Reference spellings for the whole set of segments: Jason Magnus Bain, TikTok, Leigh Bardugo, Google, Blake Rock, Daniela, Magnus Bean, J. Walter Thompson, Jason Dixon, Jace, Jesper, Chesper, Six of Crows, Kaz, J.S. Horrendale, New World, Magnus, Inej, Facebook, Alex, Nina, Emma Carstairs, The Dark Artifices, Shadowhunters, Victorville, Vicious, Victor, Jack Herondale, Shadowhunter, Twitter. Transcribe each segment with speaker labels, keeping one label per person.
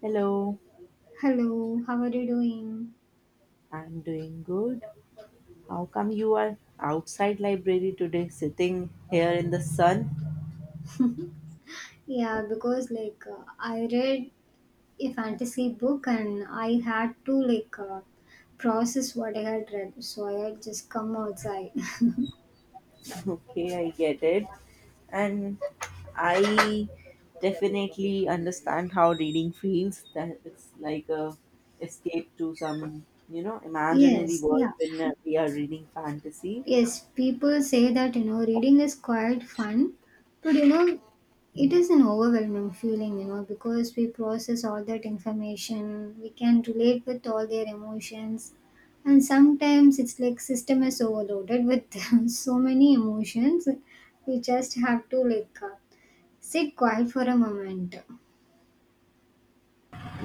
Speaker 1: Hello,
Speaker 2: Hello, how are you doing?
Speaker 1: I'm doing good. How come you are outside library today sitting here in the sun?
Speaker 2: Yeah, because I read a fantasy book and I had to process what I had read, so I had just come outside.
Speaker 1: Okay, I get it. And I definitely understand how reading feels that it's like a escape to some, imaginary
Speaker 2: Yes, yeah.
Speaker 1: world when we are reading fantasy.
Speaker 2: Yes, people say that reading is quite fun, but it is an overwhelming feeling, because we process all that information, we can relate with all their emotions, and sometimes it's like system is overloaded with so many emotions. We just have to sit quiet for a moment.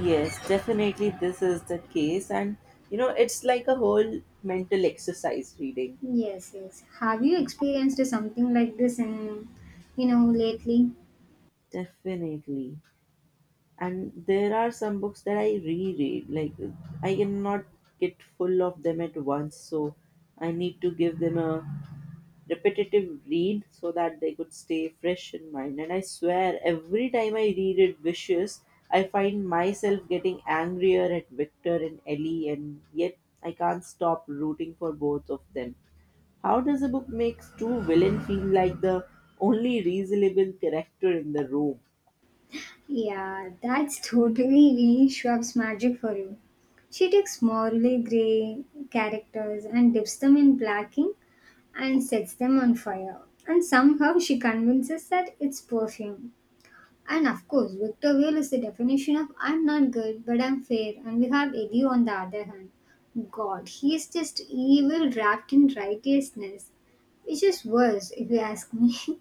Speaker 1: Yes, definitely this is the case and you know, it's like a whole mental exercise reading.
Speaker 2: Yes, yes. Have you experienced something like this in lately?
Speaker 1: Definitely. And there are some books that I reread, like I cannot get full of them at once, so I need to give them a repetitive read so that they could stay fresh in mind. And I swear every time I read it, vicious, I find myself getting angrier at Victor and Ellie, and yet I can't stop rooting for both of them. How does a book makes two villain feel like the only reasonable character in the room?
Speaker 2: Yeah, that's totally Lee Schwab's magic for you. She takes morally grey characters and dips them in black ink and sets them on fire. And somehow she convinces that it's perfume. And of course, Victor Whale is the definition of I'm not good, but I'm fair. And we have Eddie on the other hand. God, he is just evil wrapped in righteousness, which is worse if you ask me.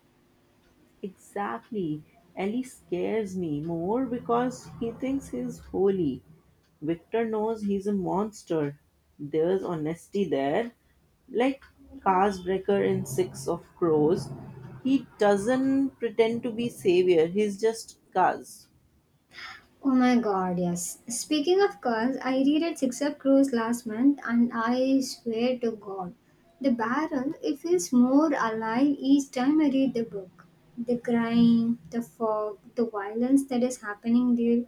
Speaker 1: Exactly. Ellie scares me more because he thinks he's holy. Victor knows he's a monster. There's honesty there. Like Casbreaker in Six of Crows. He doesn't pretend to be savior, he's just Cas.
Speaker 2: Oh my god, yes. Speaking of cars, I reread Six Up Cruise last month and I swear to god, the barrel, it feels more alive each time I read the book. The grime, the fog, the violence that is happening there,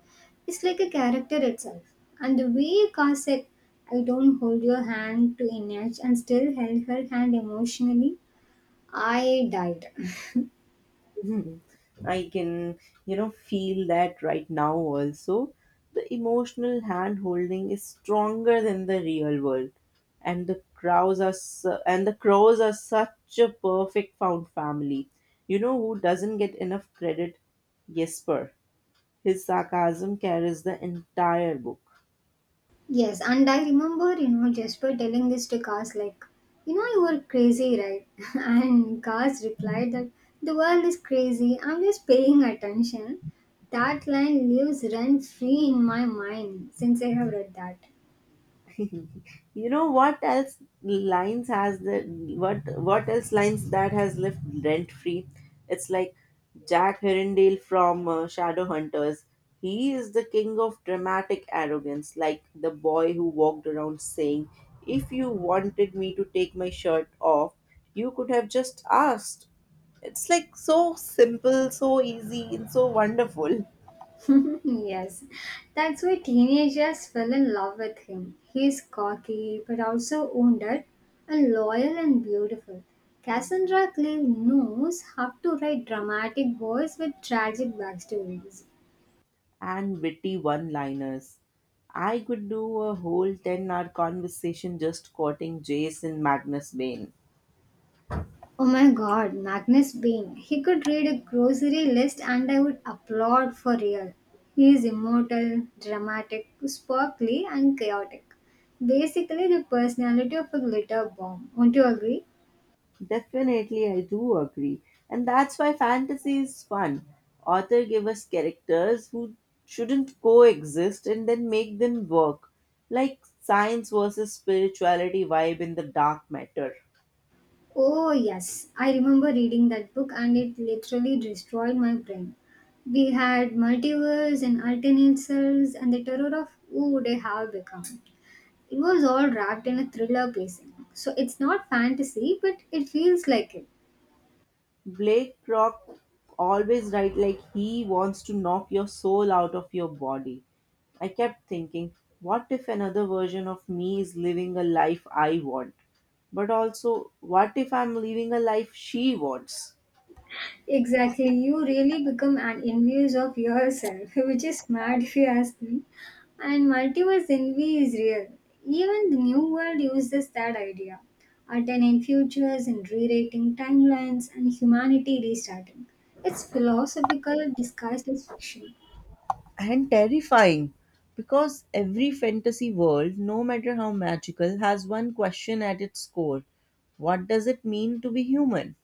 Speaker 2: it's like a character itself. And the way Car said, I don't hold your hand to an edge and still held her hand emotionally, I died.
Speaker 1: Mhm. I can, you know, feel that right now also. The emotional hand holding is stronger than the real world. And the crows are such a perfect found family. You know who doesn't get enough credit? Jesper. His sarcasm carries the entire book.
Speaker 2: Yes, and I remember, Jasper telling this to Cars like, you were crazy, right? And Cars replied that the world is crazy. I'm just paying attention. That line lives rent free in my mind since I have read that.
Speaker 1: You know what else lines has the what else lines that has left rent free? It's like Jack Herondale from Shadowhunters. He is the king of dramatic arrogance, like the boy who walked around saying, "If you wanted me to take my shirt off, you could have just asked." It's like so simple, so easy, and so wonderful.
Speaker 2: Yes, that's why teenagers fell in love with him. He's cocky but also wounded and loyal and beautiful. Cassandra Clare knows how to write dramatic boys with tragic backstories.
Speaker 1: And witty one liners. I could do a whole 10-hour conversation just quoting Jason Magnus Bain.
Speaker 2: Oh my god, Magnus Bean. He could read a grocery list and I would applaud for real. He is immortal, dramatic, sparkly, and chaotic. Basically, the personality of a glitter bomb. Won't you agree?
Speaker 1: Definitely, I do agree. And that's why fantasy is fun. Author give us characters who shouldn't coexist and then make them work. Like science versus spirituality vibe in the dark matter.
Speaker 2: Oh, yes. I remember reading that book and it literally destroyed my brain. We had multiverse and alternate selves and the terror of who would I have become. It was all wrapped in a thriller pacing. So it's not fantasy, but it feels like it.
Speaker 1: Blake Rock always writes like he wants to knock your soul out of your body. I kept thinking, what if another version of me is living a life I want? But also, what if I'm living a life she wants?
Speaker 2: Exactly, you really become an envious of yourself, which is mad if you ask me. And multiverse envy is real. Even the new world uses that idea. Alternate futures and rewriting timelines and humanity restarting. It's philosophical disguised as fiction.
Speaker 1: And terrifying, because every fantasy world, no matter how magical, has one question at its core: what does it mean to be human?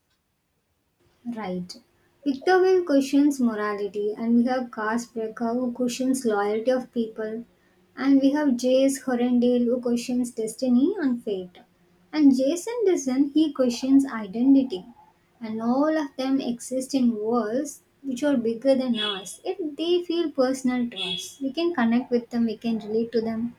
Speaker 2: Right. Victorville questions morality, and we have Cass who questions loyalty of people, and we have J.S. Horrendale who questions destiny and fate, and Jason Dixon he questions identity, and all of them exist in worlds which are bigger than us. If they feel personal to us, we can connect with them, we can relate to them.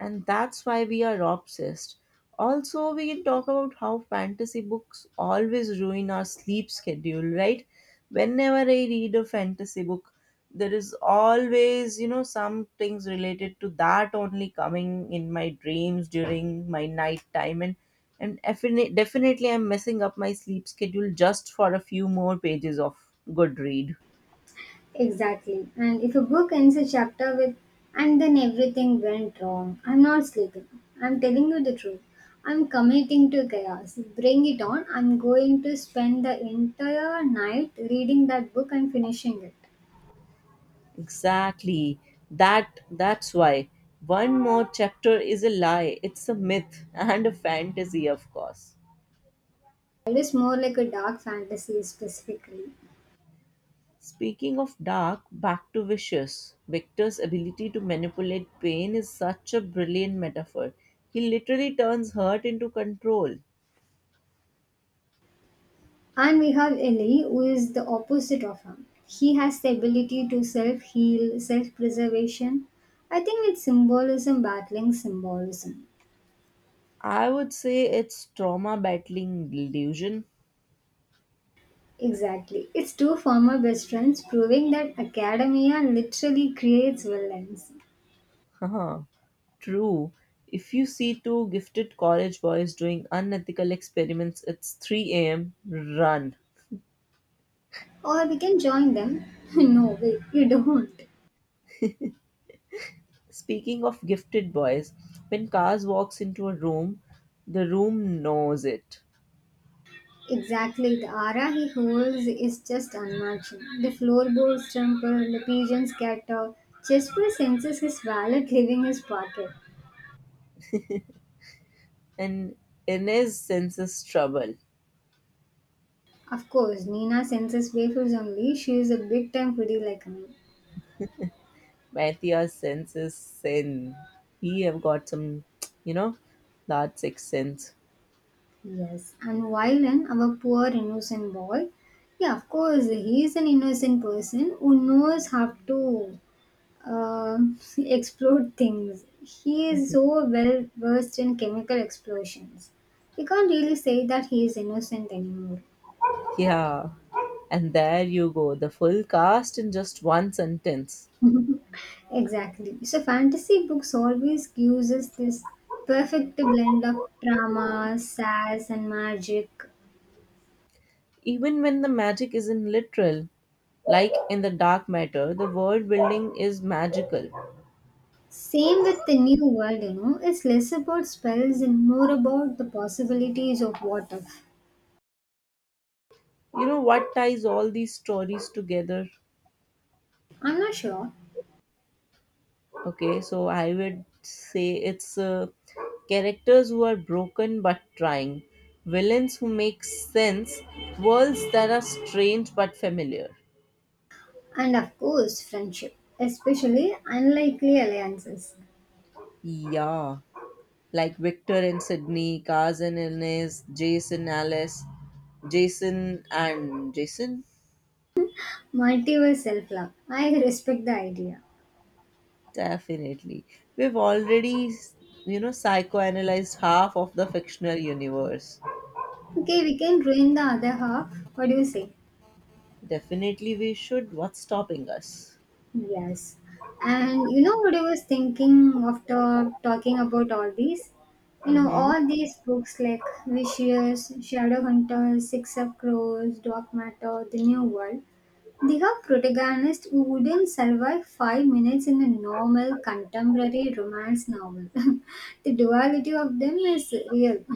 Speaker 1: And that's why we are obsessed. Also, we can talk about how fantasy books always ruin our sleep schedule, right? Whenever I read a fantasy book, there is always, you know, some things related to that only coming in my dreams during my night time, and definitely I'm messing up my sleep schedule just for a few more pages of good read.
Speaker 2: Exactly. And if a book ends a chapter with, and then everything went wrong, I'm not sleeping. I'm telling you the truth. I'm committing to chaos. Bring it on. I'm going to spend the entire night reading that book and finishing it.
Speaker 1: Exactly. That's why one more chapter is a lie. It's a myth and a fantasy, of course.
Speaker 2: It is more like a dark fantasy specifically.
Speaker 1: Speaking of dark, back to vicious. Victor's ability to manipulate pain is such a brilliant metaphor. He literally turns hurt into control.
Speaker 2: And we have Ellie, who is the opposite of him. He has the ability to self heal, self preservation. I think it's symbolism battling symbolism.
Speaker 1: I would say it's trauma battling delusion.
Speaker 2: Exactly. It's two former best friends proving that academia literally creates villains.
Speaker 1: Haha. True. If you see two gifted college boys doing unethical experiments, it's 3 a.m. Run.
Speaker 2: Or we can join them. No, wait, you don't.
Speaker 1: Speaking of gifted boys, when Kaz walks into a room, the room knows it.
Speaker 2: Exactly. The aura he holds is just unmatched. The floorboards trample, the pigeons scatter. Chesper senses his wallet leaving his pocket.
Speaker 1: And Inez senses trouble.
Speaker 2: Of course, Nina senses wafers only. She is a big time foodie like me.
Speaker 1: Matthias senses sin. He have got some, you know, that sixth sense.
Speaker 2: Yes, and Wylan, our poor innocent boy, yeah, of course, he is an innocent person who knows how to uh, explode things. He is so well versed in chemical explosions. We can't really say that he is innocent anymore.
Speaker 1: Yeah. And there you go, the full cast in just one sentence.
Speaker 2: Exactly. So, fantasy books always gives us this perfect blend of drama, sass, and magic.
Speaker 1: Even when the magic isn't literal, like in the dark matter, the world building is magical.
Speaker 2: Same with the new world, you know, it's less about spells and more about the possibilities of what if.
Speaker 1: You know what ties all these stories together?
Speaker 2: I'm not sure.
Speaker 1: Okay, so I would say it's characters who are broken but trying, villains who make sense, worlds that are strange but familiar.
Speaker 2: And of course, friendship, especially unlikely alliances.
Speaker 1: Yeah, like Victor and Sydney, Kaz and Ines, Jason, Alice, Jason and Jason.
Speaker 2: Multiverse self love. I respect the idea.
Speaker 1: Definitely, we've already, you know, psychoanalyzed half of the fictional universe.
Speaker 2: Okay, we can ruin the other half. What do you say?
Speaker 1: Definitely, we should. What's stopping us?
Speaker 2: Yes. And you know what I was thinking after talking about all these? You know,
Speaker 1: Mhm.
Speaker 2: all these books like Vicious, Shadowhunter, Six of Crows, Dark Matter, The New World, they have protagonists who wouldn't survive 5 minutes in a normal contemporary romance novel. The duality of them is real.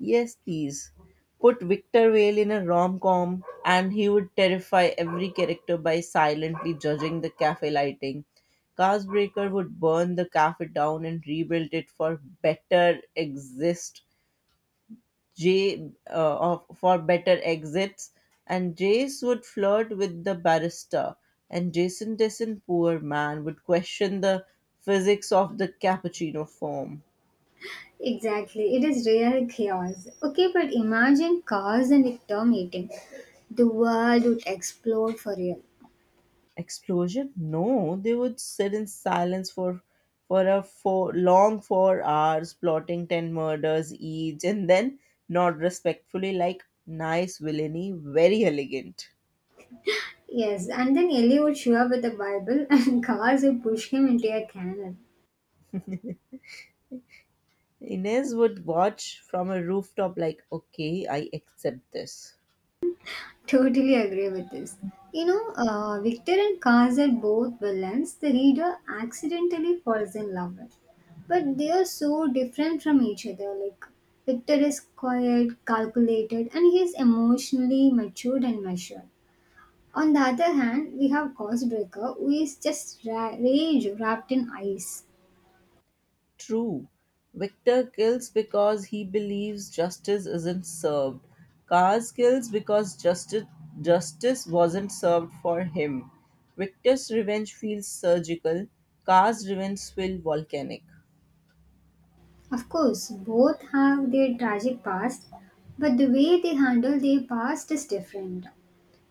Speaker 1: Yes, please. Put Victor Vale in a rom com and he would terrify every character by silently judging the cafe lighting. Carsbreaker would burn the cafe down and rebuild it for better exist. For better exits, and Jace would flirt with the barista, and Jason Dessen, poor man, would question the physics of the cappuccino foam.
Speaker 2: Exactly, it is real chaos. Okay, but imagine cars and a term meeting. The world would explode for real.
Speaker 1: Explosion? No, they would sit in silence for a for long 4 hours, plotting ten murders each, and then nod respectfully like nice villainy, very elegant.
Speaker 2: Yes, and then Ellie would show up with a Bible and cars would push him into a canal.
Speaker 1: Inez would watch from a rooftop like, okay, I accept this.
Speaker 2: Totally agree with this. You know, Victor and Cars are both villains the reader accidentally falls in love with. But they are so different from each other. Like, Victor is quiet, calculated, and he is emotionally matured and measured. On the other hand, we have Causebreaker, who is just rage wrapped in ice.
Speaker 1: True. Victor kills because he believes justice isn't served. Kaz kills because justice wasn't served for him. Victor's revenge feels surgical. Kaz's revenge feels volcanic.
Speaker 2: Of course, both have their tragic past, but the way they handle their past is different.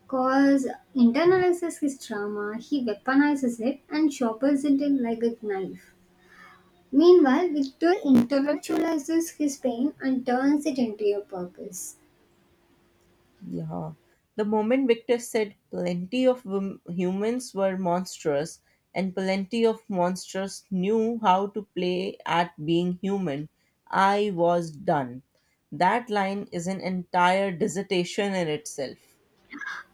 Speaker 2: Cause internalizes his trauma, he weaponizes it and sharpens it in like a knife. Meanwhile, Victor intellectualizes his pain and turns it into a purpose.
Speaker 1: Yeah. The moment Victor said humans were monstrous and plenty of monsters knew how to play at being human, I was done. That line is an entire dissertation in itself.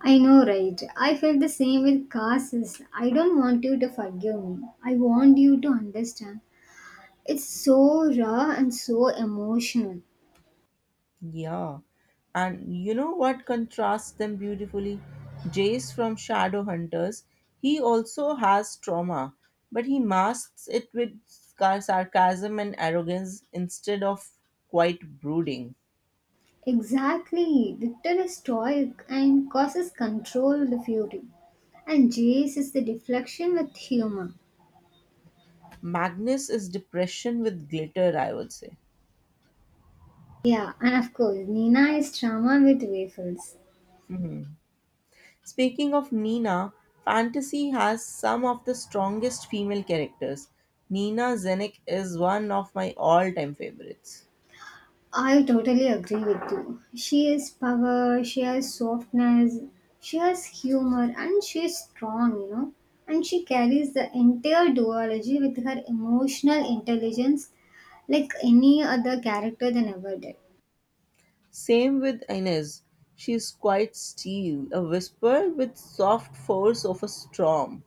Speaker 2: I know, right? I felt the same with Cass. I don't want you to forgive me. I want you to understand. It's so raw and so emotional.
Speaker 1: Yeah. And you know what contrasts them beautifully? Jace from Shadowhunters, he also has trauma, but he masks it with sarcasm and arrogance instead of quite brooding.
Speaker 2: Exactly. Victor is stoic and causes controlled fury. And Jace is the deflection with humor.
Speaker 1: Magnus is depression with glitter, I would say.
Speaker 2: Yeah, and of course, Nina is drama with waffles.
Speaker 1: Speaking of Nina, fantasy has some of the strongest female characters. Nina Zenik is one of my all time favorites.
Speaker 2: I totally agree with you. She has power, she has softness, she has humor, and she is strong, you know. And she carries the entire duology with her emotional intelligence like any other character than ever did.
Speaker 1: Same with Inez. She is quite steel, a whisper with soft force of a storm.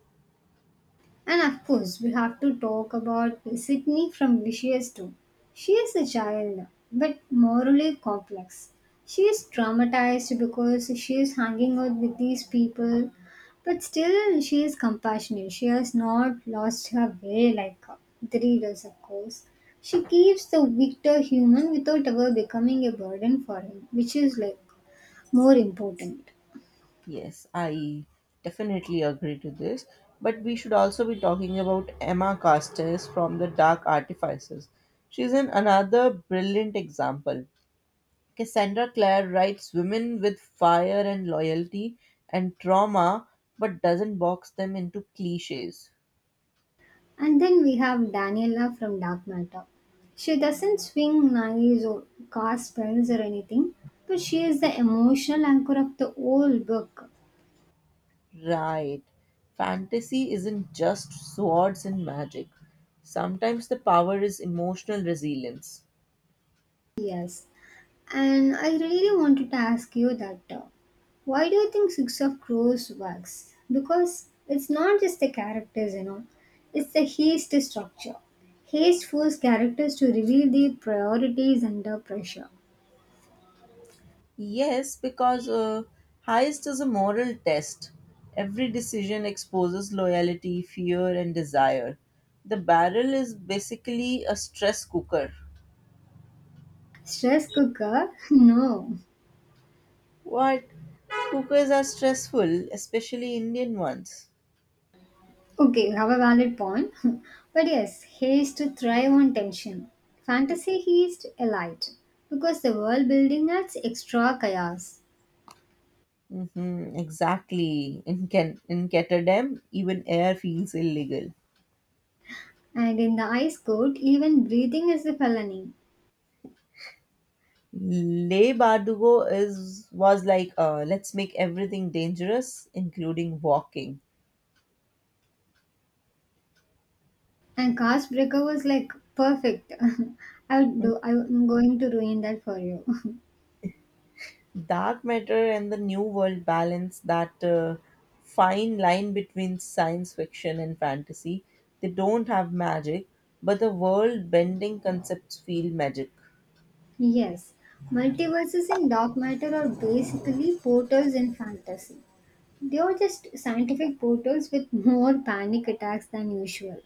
Speaker 2: And of course, we have to talk about Sydney from Vicious too. She is a child, but morally complex. She is traumatized because she is hanging out with these people, but still she is compassionate. She has not lost her way like the readers, of course. She keeps the victor human without ever becoming a burden for him, which is like more important.
Speaker 1: Yes, I definitely agree to this. But we should also be talking about Emma Carstairs from The Dark Artifices. She's an another brilliant example. Cassandra Clare writes women with fire and loyalty and trauma, but doesn't box them into cliches.
Speaker 2: And then we have Daniela from Dark Matter. She doesn't swing knives or cast spells or anything, but she is the emotional anchor of the whole book.
Speaker 1: Right. Fantasy isn't just swords and magic. Sometimes the power is emotional resilience.
Speaker 2: Yes. And I really wanted to ask you that why do you think Six of Crows works? Because it's not just the characters, you know, it's the haste structure. Haste forces characters to reveal their priorities under pressure.
Speaker 1: Yes, because heist is a moral test. Every decision exposes loyalty, fear, and desire. The barrel is basically a stress cooker.
Speaker 2: Stress cooker? No.
Speaker 1: What? Cookers are stressful, especially Indian ones.
Speaker 2: Okay, you have a valid point. But yes, haste is to thrive on tension. Fantasy he is elite because the world building adds extra chaos.
Speaker 1: Mm-hmm, exactly. In Ketterdam, even air feels illegal.
Speaker 2: And in the ice court, even breathing is a felony.
Speaker 1: Le Bardugo is was like let's make everything dangerous, including walking.
Speaker 2: And cast breaker was like perfect. I would do, I'm going to ruin that for you.
Speaker 1: Dark matter and the new world balance that fine line between science fiction and fantasy. They don't have magic, but the world bending concepts feel magic.
Speaker 2: Yes, multiverses in dark matter are basically portals in fantasy. They are just scientific portals with more panic attacks than usual.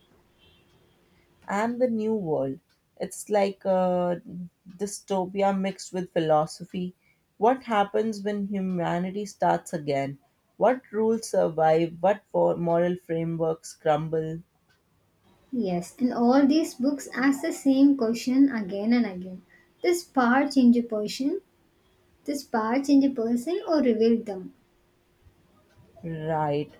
Speaker 1: And the New World. It's like a dystopia mixed with philosophy. What happens when humanity starts again? What rules survive? Moral frameworks crumble?
Speaker 2: Yes, and all these books ask the same question again and again. This part change a person, this part change a person or reveal them.
Speaker 1: Right.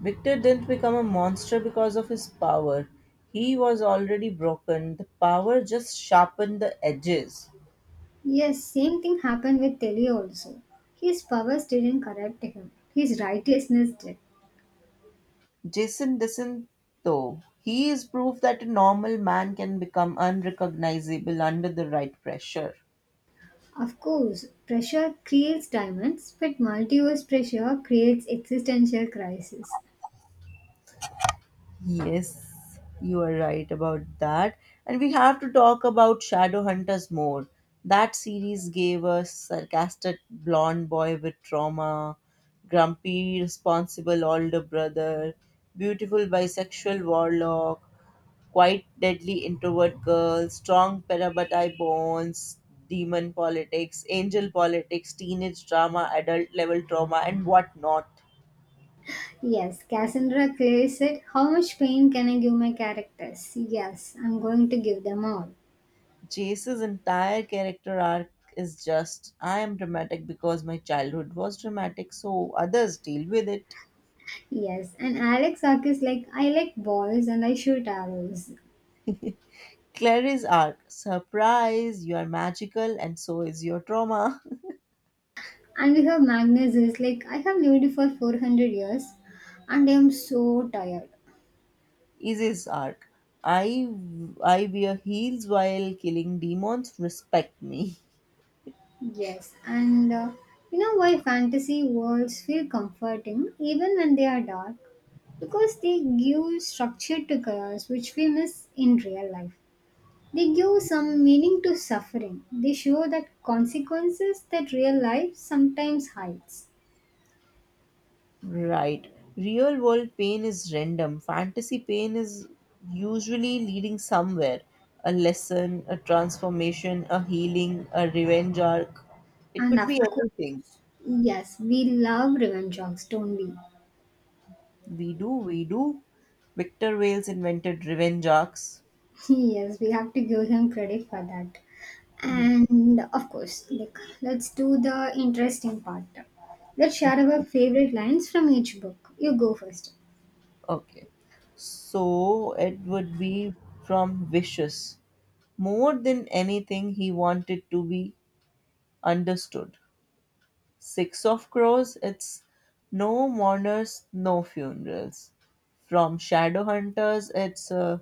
Speaker 1: Victor didn't become a monster because of his power. He was already broken. The power just sharpened the edges.
Speaker 2: Yes, same thing happened with Telly also. His powers didn't corrupt him. His righteousness did.
Speaker 1: Jason doesn't, though. He is proof that a normal man can become unrecognizable under the right pressure.
Speaker 2: Of course, pressure creates diamonds, but multiverse pressure creates existential crisis.
Speaker 1: Yes, you are right about that. And we have to talk about Shadowhunters more. That series gave us sarcastic blonde boy with trauma, grumpy, responsible older brother, beautiful bisexual warlock, quite deadly introvert girl, strong perabatai bonds, demon politics, angel politics, teenage drama, adult level trauma, and whatnot.
Speaker 2: Yes, Cassandra Clare said, How much pain can I give my characters? Yes, I'm going to give them all.
Speaker 1: Jace's entire character arc is just I am dramatic because my childhood was dramatic, so others deal with it.
Speaker 2: Yes, and Alex is like, I like balls and I shoot arrows.
Speaker 1: Clary's arc, surprise, you are magical and so is your trauma.
Speaker 2: And we have Magnus is like, I have lived for 400 years and I am so tired.
Speaker 1: Izzy's arc, I I wear heels while killing demons, respect me.
Speaker 2: Yes, and you know why fantasy worlds feel comforting even when they are dark? Because they give structure to chaos which we miss in real life. They give some meaning to suffering. They show that consequences that real life sometimes hides.
Speaker 1: Right. Real world pain is random. Fantasy pain is usually leading somewhere: a lesson, a transformation, a healing, a revenge arc. It
Speaker 2: And
Speaker 1: could
Speaker 2: of
Speaker 1: be
Speaker 2: course,
Speaker 1: anything.
Speaker 2: yes, we love revenge jokes, don't we?
Speaker 1: We do, we do. Victor Wales invented revenge arcs.
Speaker 2: Yes, we have to give him credit for that. And of course, like let's do the interesting part. Let's
Speaker 1: O-
Speaker 2: share our favorite lines from each book. You go first.
Speaker 1: Okay. So it would be from Vicious. More than anything, he wanted to be understood. Six of Crows, it's No Mourners, No Funerals. From Shadowhunters, it's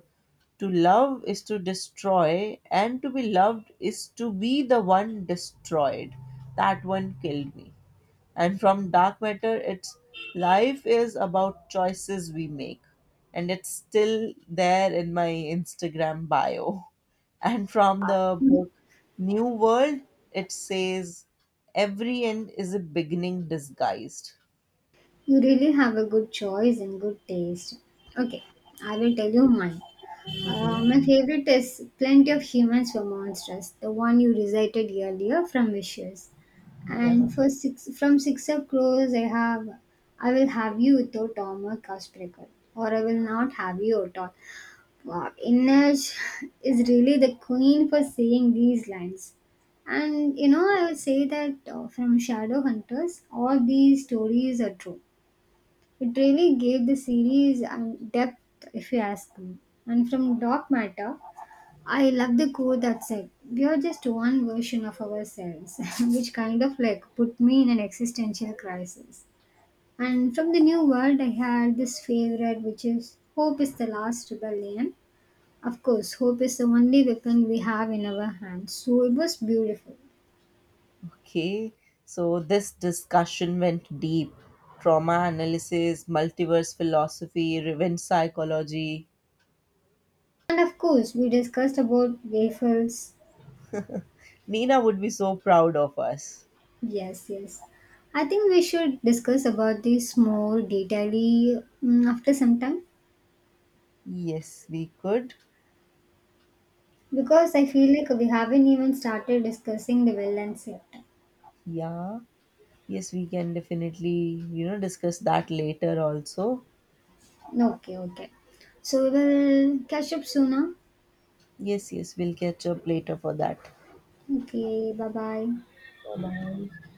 Speaker 1: to love is to destroy, and to be loved is to be the one destroyed. That one killed me. And from dark matter, it's life is about choices we make, and it's still there in my Instagram bio. And from the book New World, it says every end is a beginning disguised.
Speaker 2: You really have a good choice and good taste. Okay, I will tell you mine. My favorite is Plenty of Humans Were Monsters, the one you recited earlier from Wishes.
Speaker 1: Yeah.
Speaker 2: And for six, from Six of Crows, I have I Will Have You Though Tom or I Will Not Have You at All. Wow, Inej is really the queen for saying these lines. And I would say that from Shadowhunters, all these stories are true. It really gave the series depth, if you ask me. And from Dark Matter, I love the quote that said, We are just one version of ourselves, which kind of like put me in an existential crisis. And from the new world, I had this favorite, which is Hope is the Last Rebellion. Of course, hope is the only weapon we have in our hands, so it was beautiful.
Speaker 1: Okay. So this discussion went deep. Trauma analysis, multiverse philosophy, revenge psychology.
Speaker 2: And of course, we discussed about waffles.
Speaker 1: Nina would be so proud of us.
Speaker 2: Yes, yes. I think we should discuss about this more detailedly after some time.
Speaker 1: Yes, we could.
Speaker 2: Because I feel like we haven't even started discussing the villains yet.
Speaker 1: Yeah. Yes, we can definitely, you know, discuss that later also.
Speaker 2: Okay, okay. So we will catch up sooner.
Speaker 1: Yes, yes, we'll catch up later for that.
Speaker 2: Okay, bye bye.
Speaker 1: Bye.